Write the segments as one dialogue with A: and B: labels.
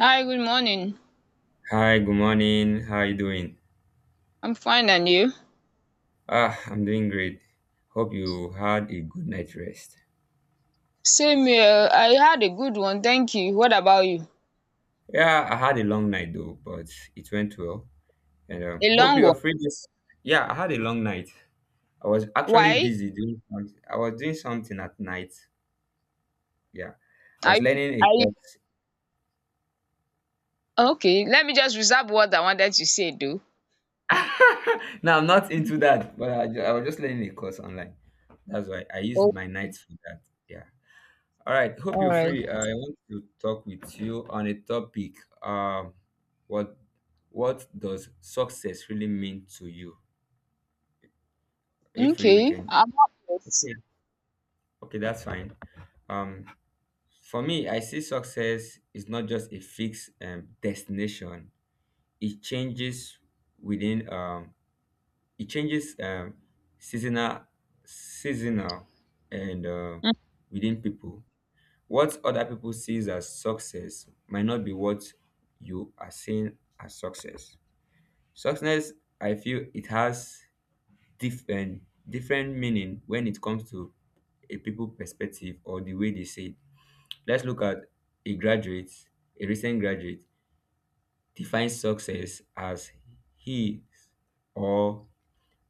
A: Hi, good morning.
B: Hi, good morning. How are you doing?
A: I'm fine, and you?
B: Ah, I'm doing great. Hope you had a good night rest.
A: Same here. I had a good one, thank you. What about you?
B: Yeah, I had a long night though, but it went well. And
A: A
B: hope
A: long
B: you're
A: one.
B: free this. Yeah, I had a long night. I was actually
A: Why?
B: busy doing, I was doing something at night. Yeah, I
A: Are
B: was
A: you?
B: learning a
A: Are you?
B: course.
A: Okay. Let me just reserve what I wanted to say, though.
B: Now I'm not into that. But I was just learning a course online. That's why I used
A: Oh,
B: my nights for that. Yeah. All right, hope
A: all
B: you're
A: right.
B: free. I want to talk with you on a topic. Um, what what does success really mean to you? Are you free? We
A: Okay.
B: can.
A: I'm up first.
B: Okay, okay, that's fine. Um, for me, I see success is not just a fixed destination. It changes within. It changes seasonal, seasonal, and
A: Mm,
B: within people. What other people sees as success might not be what you are seeing as success. Success, I feel it has different different meaning when it comes to a people perspective or the way they say it. Let's look at a graduate, a recent graduate defines success as he or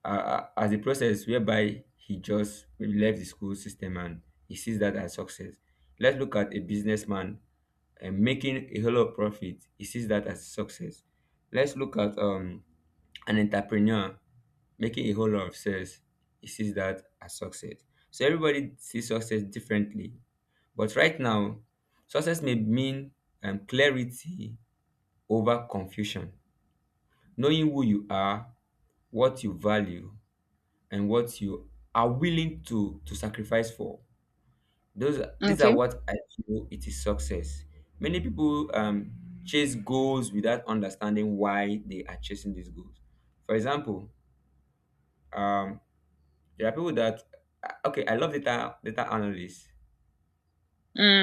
B: as a process whereby he just maybe left the school system and he sees that as success. Let's look at a businessman and making a whole lot of profit, he sees that as success. Let's look at an entrepreneur making a whole lot of sales. He sees that as success. So everybody sees success differently. But right now, success may mean clarity over confusion, knowing who you are, what you value, and what you are willing to sacrifice for. Those these are
A: okay.
B: what I feel it is success. Many people chase goals without understanding why they are chasing these goals. For example, um, there are people that okay, I love data analysts.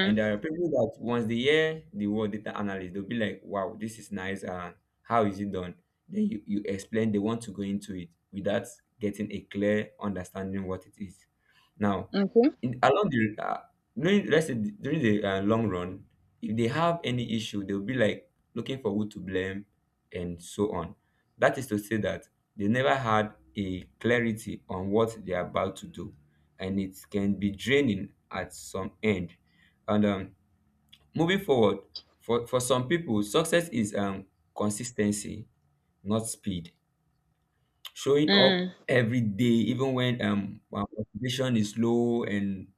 B: And there are people that once they hear the word data analyst, they'll be like, wow, this is nice. And how is it done? Then you explain, they want to go into it without getting a clear understanding what it is. Now,
A: okay.
B: in, along the, during, let's say during the long run, if they have any issue, they'll be like looking for who to blame and so on. That is to say that they never had a clarity on what they are about to do, and it can be draining at some end. And moving forward, for some people, success is consistency, not speed. Showing up
A: Mm,
B: every day, even when our motivation is low, and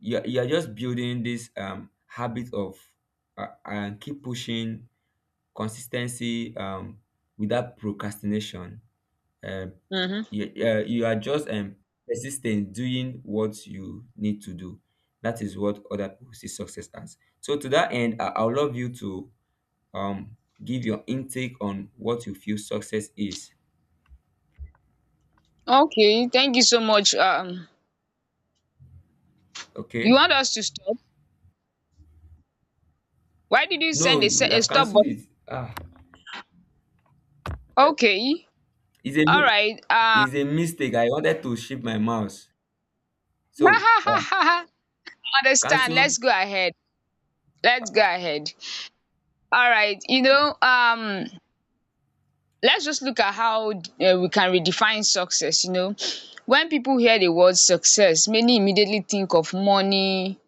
B: you're just building this habit of and keep pushing consistency without procrastination. Um,
A: mm-hmm.
B: you are just persistent doing what you need to do. That is what other people see success as. So to that end, I would love you to um give your intake on what you feel success is.
A: Okay. Thank you so much. You
B: Okay,
A: want us to stop? Why did you
B: no,
A: send
B: you would
A: a
B: have
A: stop
B: cancelled
A: button?
B: it. Ah,
A: Okay.
B: it's a
A: All
B: mi-
A: right.
B: it's a mistake. I wanted to shift my mouse so yeah,
A: Understand.
B: cancel.
A: Let's go ahead. Let's go ahead. All right, let's just look at how we can redefine success. When people hear the word success, many immediately think of money,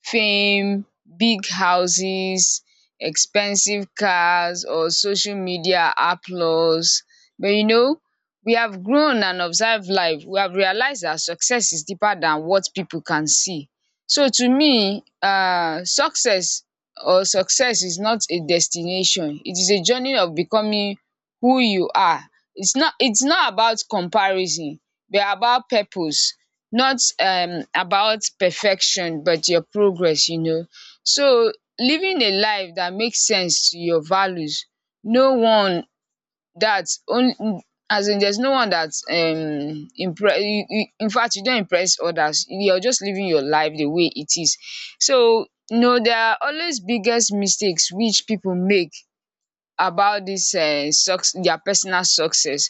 A: fame, big houses, expensive cars, or social media applause. But we have grown and observed life, we have realized that success is deeper than what people can see. So to me, success is not a destination, it is a journey of becoming who you are. It's not about comparison, but about purpose, not about perfection but your progress, you know. So, living a life that makes sense to your values, no one, that only, as in, there's no one that impre you, in fact, you don't impress others, you're just living your life the way it is. So you know, there are always biggest mistakes which people make about this, their personal success.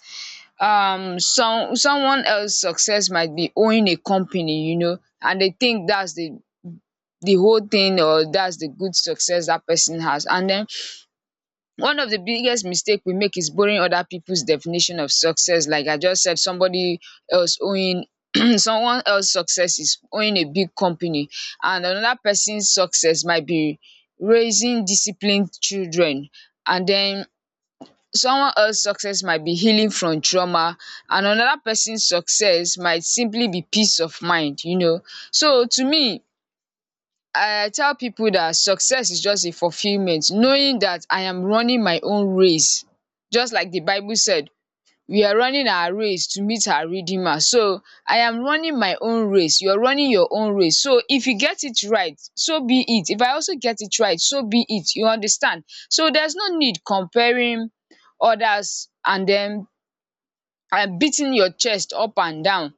A: Someone else success might be owning a company, you know, and they think that's the whole thing, or that's the good success that person has. And then, one of the biggest mistake we make is borrowing other people's definition of success, like I just said. Somebody else owning someone else success is owning a big company, and another person's success might be raising disciplined children. And then, someone else's success might be healing from trauma, and another person's success might simply be peace of mind, you know. So to me, I tell people that success is just a fulfillment, knowing that I am running my own race. Just like the Bible said, we are running our race to meet our redeemer. So I am running my own race, you are running your own race. So if you get it right, so be it; if I also get it right, so be it, you understand. So there's no need comparing others and then and beating your chest up and down,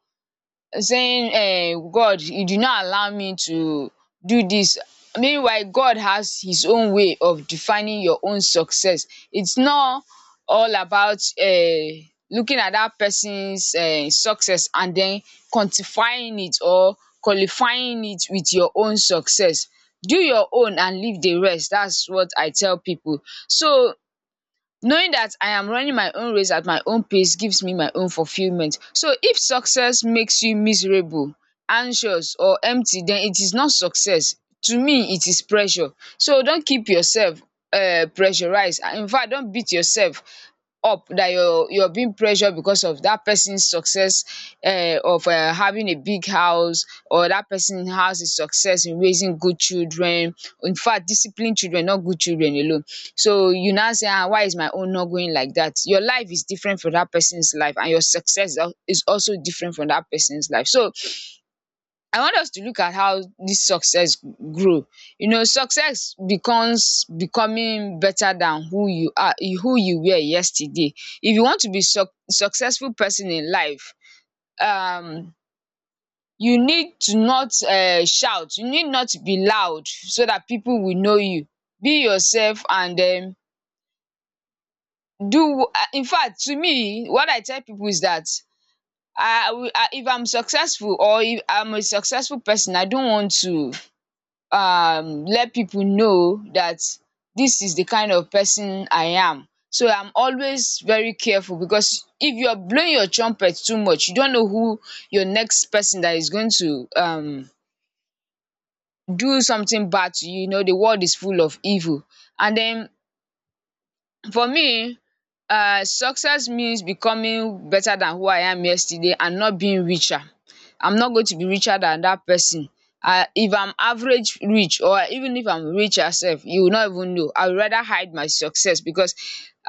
A: saying, um, God, you did not allow me to do this. Meanwhile, God has his own way of defining your own success. It's not all about looking at that person's success and then quantifying it or qualifying it with your own success. Do your own and leave the rest, that's what I tell people. So, knowing that I am running my own race at my own pace gives me my own fulfillment. So if success makes you miserable, anxious, or empty, then it is not success. To me, it is pressure. So don't keep yourself pressurized. In fact, don't beat yourself up that you're being pressured because of that person's success, of having a big house, or that person has a success in raising good children. In fact, disciplined children, not good children alone. So you now say, ah, why is my own not going like that? Your life is different from that person's life, and your success is also different from that person's life. So I want us to look at how this success grow. You know, success becomes becoming better than who you are, who you were yesterday. If you want to be successful person in life, um you need to not shout, you need not to be loud so that people will know you. Be yourself and do, in fact, to me what I tell people is that, I, if I'm successful, or if I'm a successful person, I don't want to let people know that this is the kind of person I am. So I'm always very careful, because if you're blowing your trumpet too much, you don't know who your next person that is going to do something bad to you. You know, the world is full of evil. And then, for me, success means becoming better than who I am yesterday and not being richer. I'm not going to be richer than that person. Um, if I'm average rich, or even if I'm rich, sef you will not even know. I would rather hide my success, because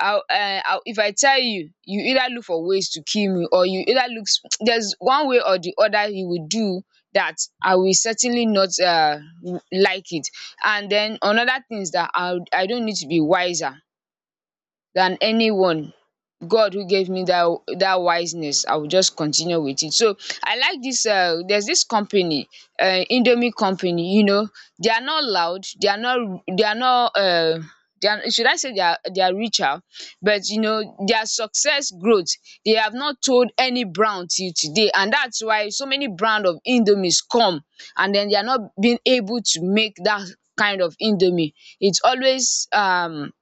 A: I, if I tell you, you either look for ways to kill me, or you either looks there's one way or the other you will do that. I will certainly not like it. And then, another thing is dat I don't need to be wiser than anyone. God who gave me that wiseness, I will just continue with it. So, I like this. There's this company, Indomie company. You know, they are not loud. They are not. They are not. They are, should I say, they are richer, but you know their success growth. They have not told any brand till today, and that's why so many brand of Indomies come, and then they are not being able to make that kind of Indomie. It's always,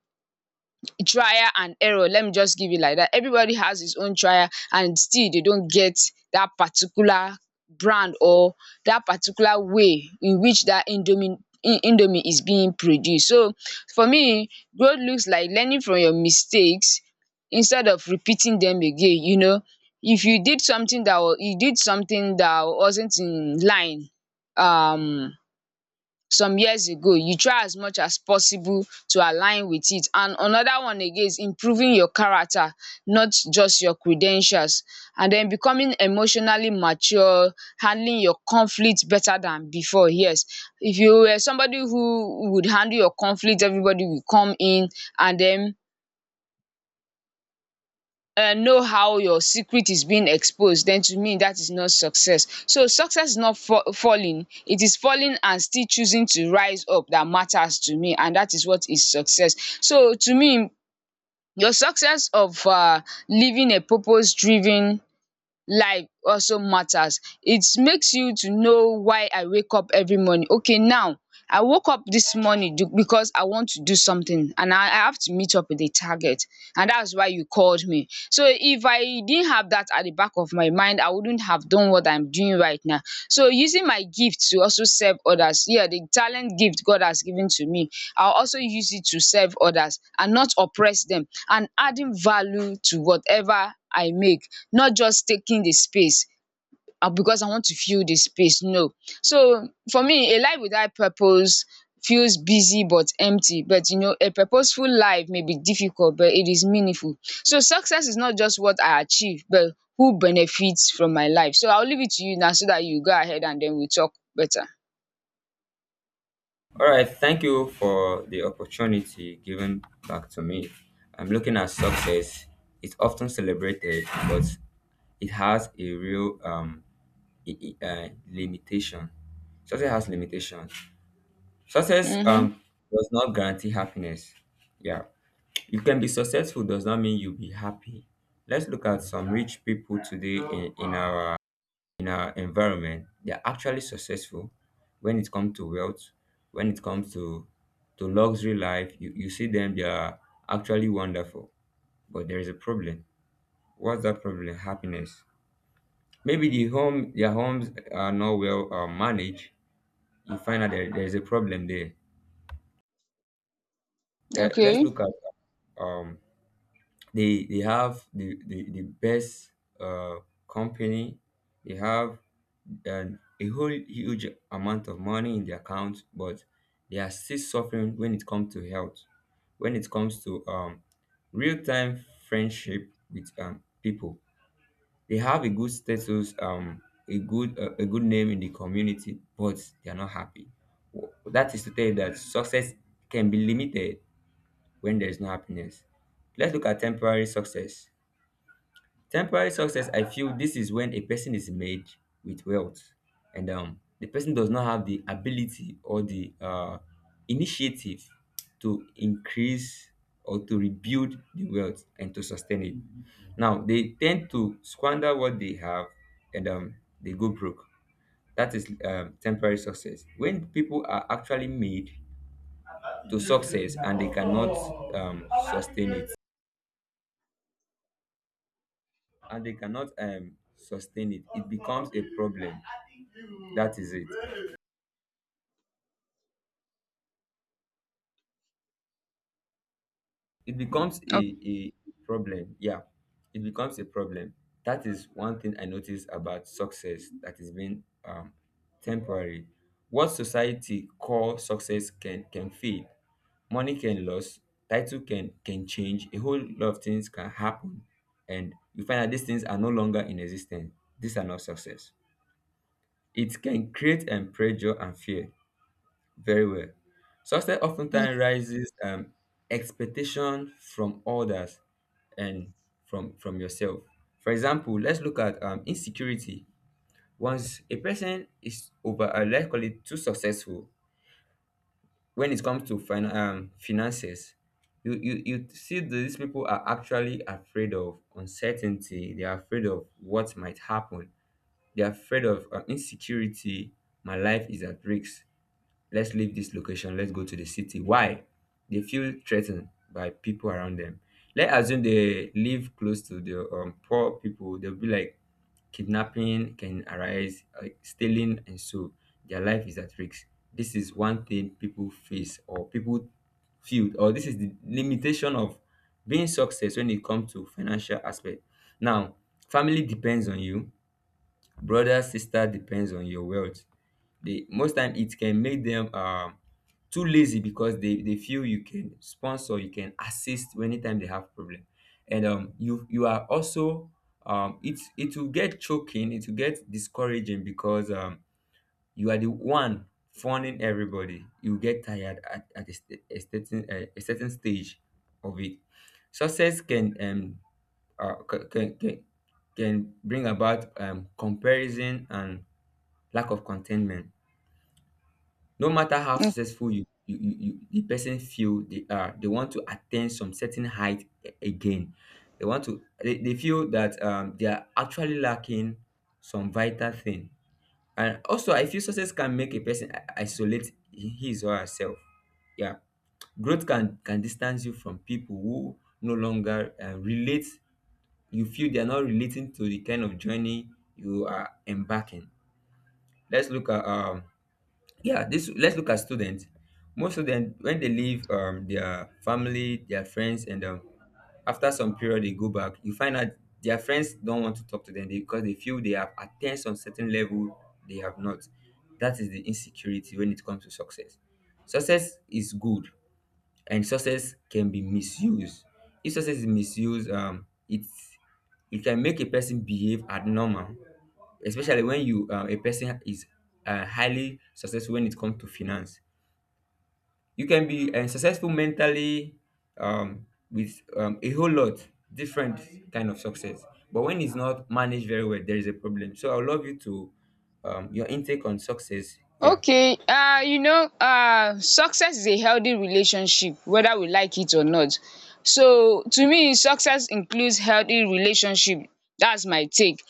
A: trial and error, let me just give it like that. Everybody has his own trial and still they don't get that particular brand, or that particular way in which that indomie is being produced. So for me, growth looks like learning from your mistakes instead of repeating them again, you know. If you did something that, you did something that wasn't in line, um some years ago, you try as much as possible to align with it. And another one again is improving your character, not just your credentials, and then becoming emotionally mature, handling your conflict better than before, yes. If you were somebody who would handle your conflict, everybody will come in and then know how your secret is being exposed, then to me, that is not success. So, success is not falling, it is falling and still choosing to rise up, that matters to me, and that is what is success. So to me, your success of living a purpose driven life also matters. It makes you to know why I wake up every morning. Okay, now, I woke up this morning because I want to do something, and I have to meet up with a target. And that's why you called me. So if I didn't have that at the back of my mind, I wouldn't have done what I'm doing right now. So, using my gift to also serve others. Yeah, the talent gift God has given to me, I'll also use it to serve others and not oppress them, and adding value to whatever I make, not just taking the space because I want to fill the space. No. So for me, a life without purpose feels busy but empty. But you know, a purposeful life may be difficult, but it is meaningful. So success is not just what I achieve, but who benefits from my life. So I'll leave it to you now so that you go ahead and then we talk better.
B: All right, thank you for the opportunity given back to me. I'm looking at success. It's often celebrated, but it has a real limitation. Success has limitation. Success
A: Mm-hmm.
B: does not guarantee happiness. Yeah. You can be successful does not mean you'll be happy. Let's look at some rich people today, in our environment. They're actually successful when it comes to wealth, when it comes to luxury life. You see them, they are actually wonderful. But there is a problem. What's that problem? Happiness. Maybe their homes are not well managed. You find out there is a problem there. Let's
A: Okay.
B: look at they have the best uh company, they have a whole huge amount of money in their account, but they are still suffering when it comes to health, when it comes to real-time friendship with people. They have a good status, a good name in the community, but they are not happy. That is to tell you that success can be limited when there is no happiness. Let's look at temporary success. Temporary success, I feel this is when a person is made with wealth, and the person does not have the ability or the initiative to increase or to rebuild the wealth and to sustain it. Now, they tend to squander what they have, and they go broke. That is temporary success. When people are actually made to success and they cannot sustain it, and they cannot sustain it, it becomes a problem. That is it. It becomes a problem, yeah, it becomes a problem. That is one thing I noticed about success that is being temporary. What society call success can fade, money can lose, title can change, a whole lot of things can happen, and you find that these things are no longer in existence. These are not success. It can create pressure and fear. Very well. Success
A: Okay.
B: oftentimes rises expectation from others and from yourself. For example, let's look at insecurity. Once a person is over, let's call it too successful, when it comes to finances, you see that these people are actually afraid of uncertainty. They are afraid of what might happen. They are afraid of insecurity. My life is at risk. Let's leave this location. Let's go to the city. Why? They feel threatened by people around them. Let's assume they live close to the poor people. They'll be like, kidnapping can arise, stealing, and so their life is at risk. This is one thing people face or people feel, or this is the limitation of being success when it comes to financial aspect. Now, family depends on you, brother, sister depends on your wealth. They most time it can make them too lazy, because they feel you can sponsor, you can assist anytime they have problem. And you are also it will get choking, it will get discouraging because you are the one funding everybody. You get tired at a, st- a certain stage of it. Success can uh, ca- can, can can bring about comparison and lack of contentment. No matter how successful you the person feel they want to attain some certain height again. They they feel that they are actually lacking some vital thing. And also I feel success can make a person isolate his or herself, yeah. Growth can distance you from people who no longer relate. You feel they are not relating to the kind of journey you are embarking. let's look at um let's look at students. Most students when they leave their family, their friends, and after some period they go back, you find out their friends don't want to talk to them because they feel they have attained some certain level they have not. That is the insecurity when it comes to success. Success is good, and success can be misused. If success is misused, it can make a person behave abnormal, especially when you a person is highly successful when it comes to finance. You can be successful mentally, with a whole lot different kind of success, but when it's not managed very well, there is a problem. So I would love you to your intake on success. Yeah.
A: Okay, you know, success is a healthy relationship, whether we like it or not. So to me, success includes healthy relationship, that's my take.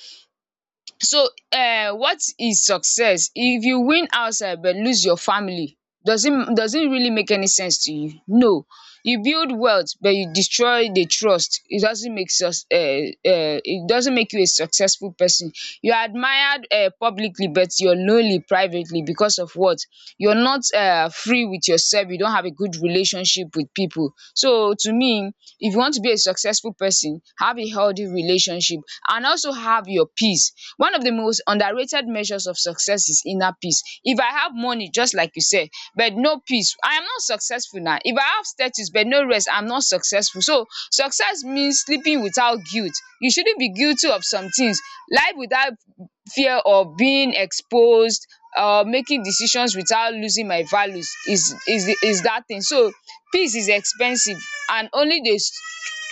A: So, what is success? If you win outside but lose your family, does it really make any sense to you? No. You build wealth but you destroy the trust. It doesn't make sus it doesn't make you a successful person. You are admired publicly but you're lonely privately, because of what? You're not free with yourself, you don't have a good relationship with people. So to me, if you want to be a successful person, have a healthy relationship and also have your peace. One of the most underrated measures of success is inner peace. If I have money, just like you said, but no peace, I am not successful now. If I have status but no rest, I'm not successful. So success means sleeping without guilt. You shouldn't be guilty of some things. Life without fear of being exposed, or making decisions without losing my values is that thing. So peace is expensive, and only the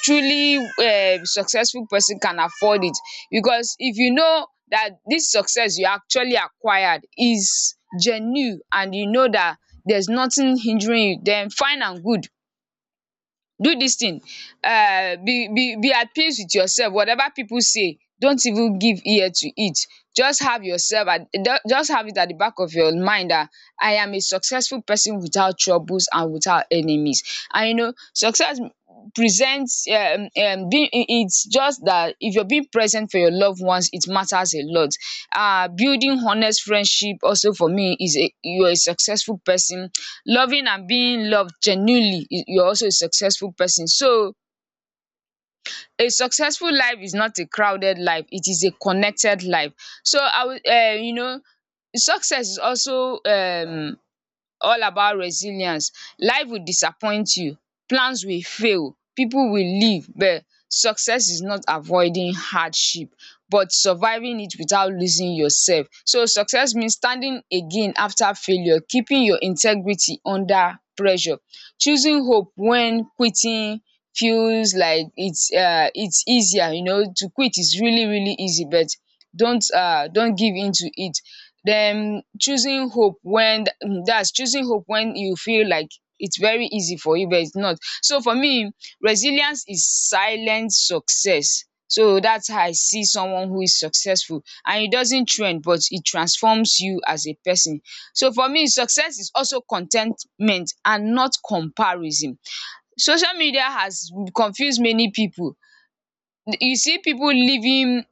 A: truly successful person can afford it, because if you know that this success you actually acquired is genuine, and you know that there's nothing hindering you, then fine and good. Do this thing. Be at peace with yourself. Whatever people say, don't even give ear to it. Just have yourself at just have it at the back of your mind that I am a successful person without troubles and without enemies. And you know, success presents it's just that if you're being present for your loved ones, it matters a lot. Building honest friendship also, for me, is a you are a successful person. Loving and being loved genuinely, you're also a successful person. So a successful life is not a crowded life, it is a connected life. So I would success is also all about resilience. Life will disappoint you, plans will fail, pipu will leave, but success is not avoiding hardship but surviving it without losing yourself. So success means standing again after failure, keeping your integrity under pressure, choosing hope when quitting feels like it's easier. To quit is really, really easy, but don't give in to it. Then choosing hope when that's choosing hope when you feel like it's very easy for you, but it's not. So for me, resilience is silent success. So that's how I see someone who is successful. And it doesn't trend, but it transforms you as a person. So for me, success is also contentment and not comparison. Social media has confused many people. You see people living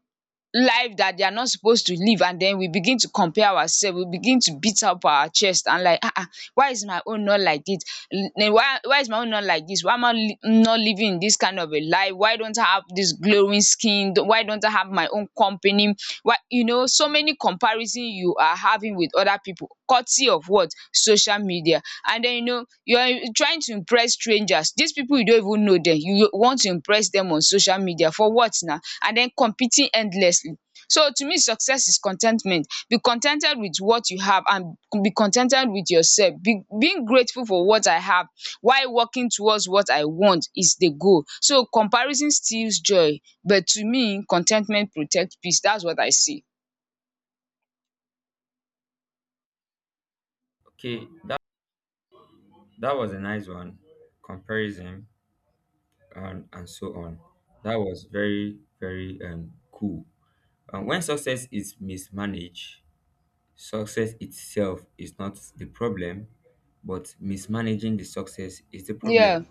A: life that they are not supposed to live, and then we begin to compare ourselves, we begin to beat up our chest and like, ah, ah, why is my own not like this? Why is my own not like this? Why am I not living in this kind of a life? Why don't I have this glowing skin? Why don't I have my own company? Why? You know, so many comparison you are having with other people, courtesy of what? Social media. And then, you know, you're trying to impress strangers. These people, you don't even know them. You want to impress them on social media for what now? And then competing endlessly. So to me, success is contentment. Be contented with what you have, and be contented with yourself. Be being grateful for what I have while working towards what I want is the goal. So comparison steals joy, but to me, contentment protects peace. That's what I see.
B: Okay. That was a nice one. Comparison and so on. That was very very cool. And when success is mismanaged, success itself is not the problem, but mismanaging the success is the
A: Yeah.
B: problem.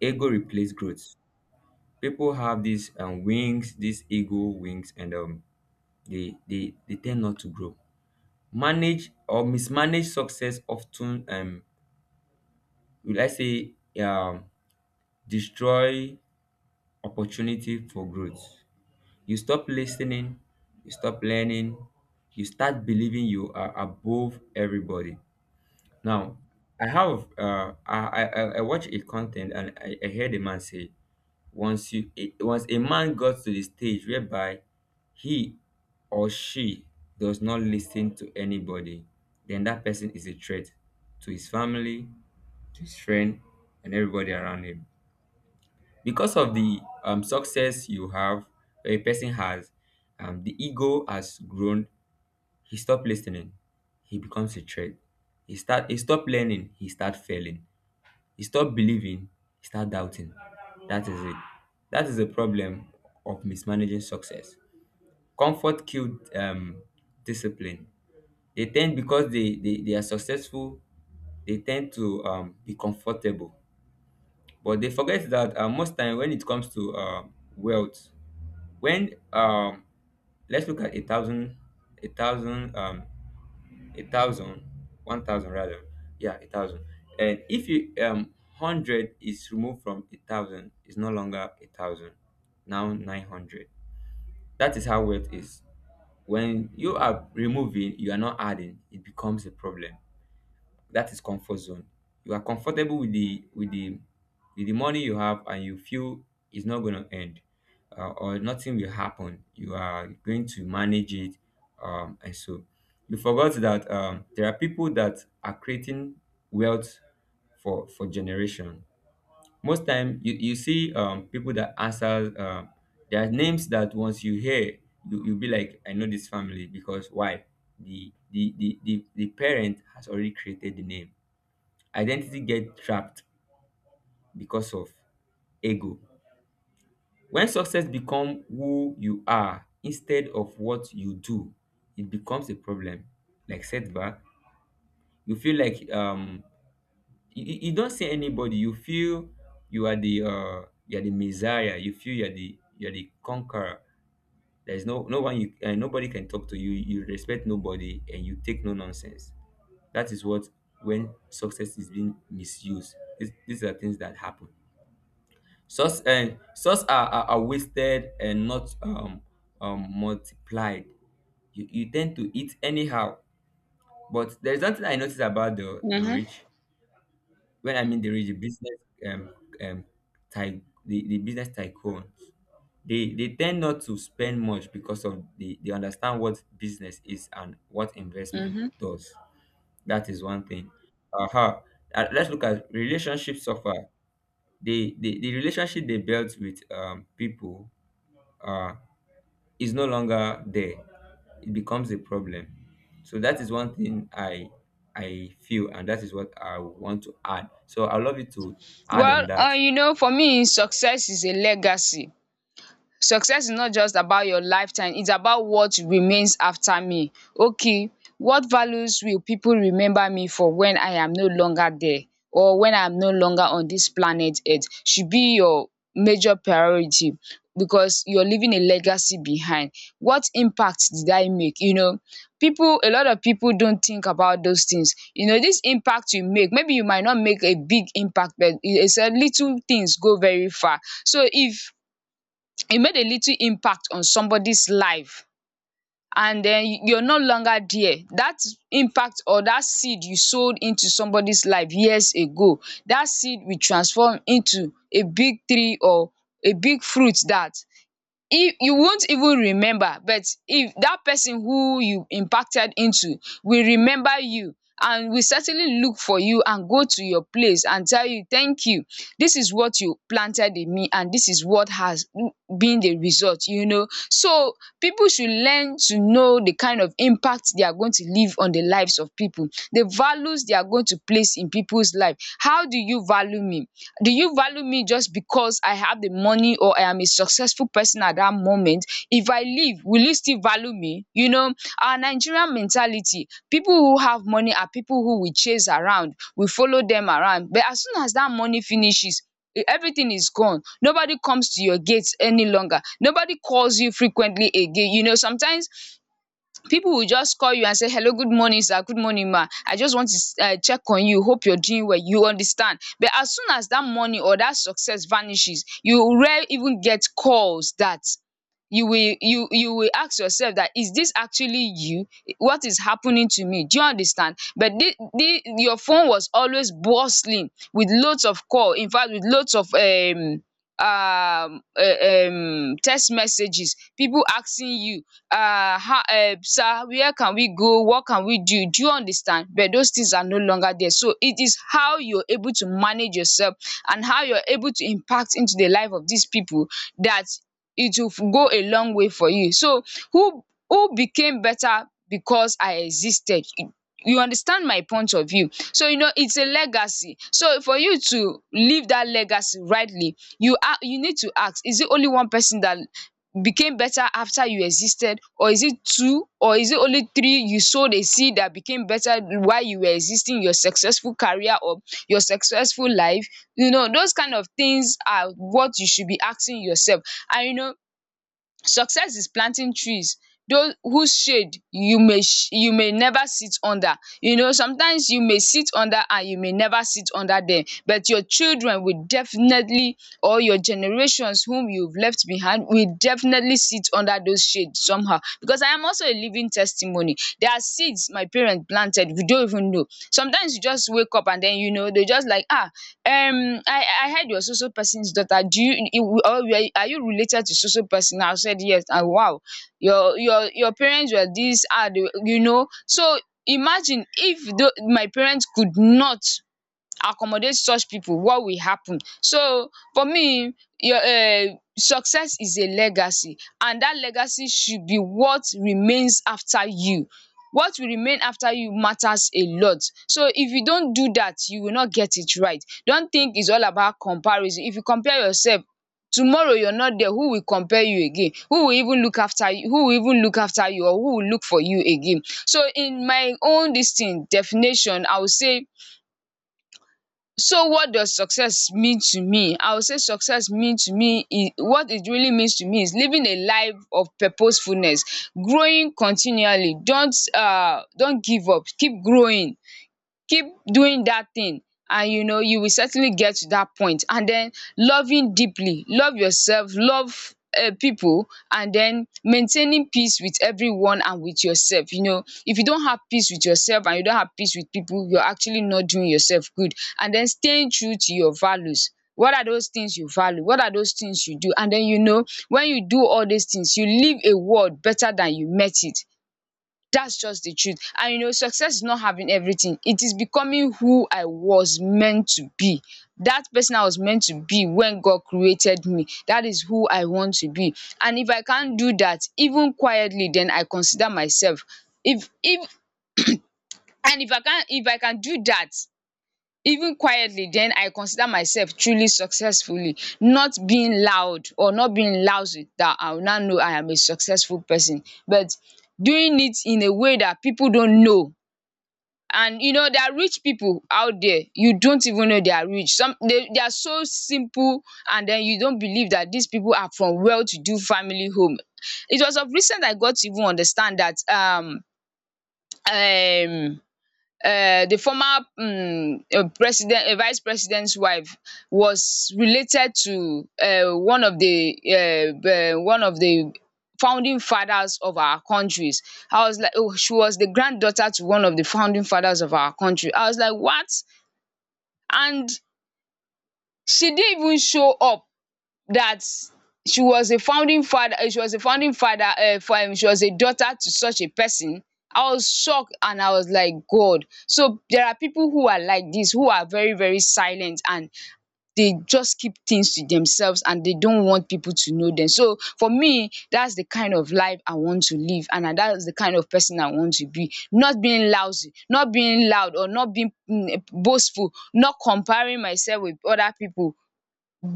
B: Ego replace growth. People have these wings, these ego wings, and they tend not to grow. Manage or mismanage success often will I say destroy opportunity for growth. You stop listening, you stop learning, you start believing you are above everybody. Now, I watch a content, and I heard a man say, once once a man got to the stage whereby he or she does not listen to anybody, then that person is a threat to his family, to his friend, and everybody around him. Because of the success you have, or a person has, the ego has grown. He stopped listening. He becomes a threat. He start. He stop learning. He start failing. He stop believing, he start doubting. That is it. That is the problem of mismanaging success. Comfort killed discipline. They tend because they are successful, they tend to be comfortable. But they forget that most time when it comes to wealth, when let's look at a thousand, a thousand, a thousand, one thousand rather, yeah, a thousand. And if you hundred is removed from a thousand, it's no longer a thousand. Now 900, that is how wealth is. When you are removing you are not adding, it becomes a problem. That is comfort zone. You are comfortable with the money you have, and you feel it's not going to end, or nothing will happen, you are going to manage it, and so you forgot that there are people that are creating wealth for generation. Most time you see people that answer, there are names that once you hear, you'll be like I know this family, because why? The parent has already created the name. Identity get trapped because of ego. When success become who you are instead of what you do, it becomes a problem, like setback. You feel like you don't see anybody, you feel you're the messiah, you feel you're the conqueror. There's no one, you nobody can talk to you respect nobody, and you take no nonsense. That is what, when success is being misused, these are things that happen. Such such are wasted and not multiplied. You tend to eat anyhow. But there's something I noticed about the rich. When I mean the rich, the um um business tycoons. They tend not to spend much because of the they understand what business is and what investment
A: um
B: does. That is one thing. Uh-huh. Let's look at relationship suffer. The relationship they built with people uh, is no longer there, it becomes a problem. So that is one thing I feel, and that is what I want to add. So I love you to add on
A: well
B: that.
A: um you know, for me, success is a legacy. Success is not just about your lifetime, it's about what remains after me. Okay, what values will people remember me for when I am no longer there, or when I am no longer on this planet earth, should be your major priority, because you're leaving a legacy behind. What impact did I make? You know, people, a lot of people don't think about those things. You know, this impact you make, maybe you might not make a big impact, but it's a little things go very far. So if e made a little impact on somebody's life, and then you're no longer there, that impact or that seed you sowed into somebody's life years ago, that seed will transform into a big tree or a big fruit that if you won't even remember, but if that person who you impacted into will remember you, and will certainly look for you and go to your place and tell you thank you, this is what you planted in me, and this is what has been the result, you know. So people should learn to know the kind of impact they are going to leave on the lives of people, the values they are going to place in people's life. How do you value me? Do you value me just because I have the money or I am a successful person at that moment? If I leave, will you still value me? You know, our Nigerian mentality, people who have money are people who we chase around, we follow them around, but as soon as that money finishes, everything is gone. Nobody comes to your gates any longer, nobody calls you frequently again, you know. Sometimes people will just call you and say hello, good morning sir, good morning ma, I just want to check on you, hope you're doing well, you understand. But as soon as that money or that success vanishes, you rare even get calls. That you will, you will ask yourself, that is this actually you? What is happening to me? Do you understand? But the your phone was always bustling with loads of call, infact with loads of text messages, people asking you, how, sir, where can we go, what can we do? Do you understand? But those things are no longer there. So it is how you're able to manage yourself, and how you're able to impact into the life of these people, that it will go a long way for you. So who who became better because I existed? You understand my point of view. So you know, it's a legacy. So for you to leave that legacy rightly, you are you need to ask, is it only one person that became better after you existed, or is it two, or is it only three you sowed a seed that became better while you were existing your successful career or your successful life? You know, those kind of things are what you should be asking yourself. And you know, success is planting trees those whose shade you may never sit under. You know, sometimes you may sit under and you may never sit under them, but your children will definitely, or your generations whom you've left behind will definitely sit under those shade somehow, because I am also a living testimony. There are seeds my parents planted we don't even know. Sometimes you just wake up and then, you know, they just like, ah, I heard you're so so person's daughter. Do you, or are you related to so so person? I said yes. And wow, your parents were this hard, you know. So imagine if my parents could not accommodate such people, what will happen? So for me, your success is a legacy, and that legacy should be what remains after you. What will remain after you matters a lot. So if you don't do that, you will not get it right. Don't think it's all about comparison. If you compare yourself tomorrow you're not there, who will compare you again? Who will even look after you? Who will even look after you, or who will look for you again? So in my own this thing definition, I will say, so what does success mean to me? I would say success mean to me is what it really means to me is living a life of purposefulness, growing continually. Don't don't give up, keep growing. Keep doing that thing, and you know you will certainly get to that point. And then loving deeply, love yourself, love people, and then maintaining peace with everyone and with yourself. You know if you don't have peace with yourself and you don't have peace with people, you're actually not doing yourself good. And then staying true to your values. What are those things you value? What are those things you do? And then you know, when you do all these things, you leave a world better than you met it. That's just the truth. And you know, success is not having everything, it is becoming who I was meant to be. That person I was meant to be when God created me, that is who I want to be. And if I can't do that even quietly, then I consider myself if and if I can, if I can do that even quietly, then I consider myself truly successfully, not being loud or not being lousy, that I will now know I am a successful person. But doing it in a way that people don't know. And you know, there are rich people out there you don't even know they are rich. Some they are so simple, and then you don't believe that these people are from well-to-do family home. It was of recent I got to even understand that um the former president vice president's wife was related to one of the founding fathers of our countries. I was like, oh, she was the granddaughter to one of the founding fathers of our country. I was like, what? And she didn't even show up that she was a founding father. She was a founding father for she was a daughter to such a person. I was shocked, and I was like, God. So there are people who are like this, who are very, very silent, and they just keep things to themselves, and they don't want people to know them. So for me, that's the kind of life I want to live, and that's the kind of person I want to be. Not being lousy, not being loud, or not being boastful, not comparing myself with other people,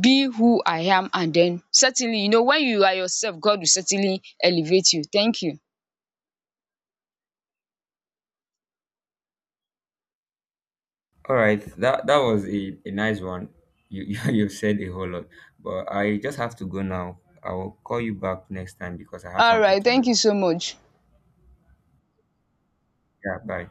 A: be who I am. And then certainly, you know, when you are yourself, God will certainly elevate you. Thank you.
B: All right, that was a nice one. You've said a whole lot, but I just have to go now. I will call you back next time because I have
A: All
B: something
A: right.
B: to
A: Thank
B: do.
A: you so much.
B: Yeah, bye.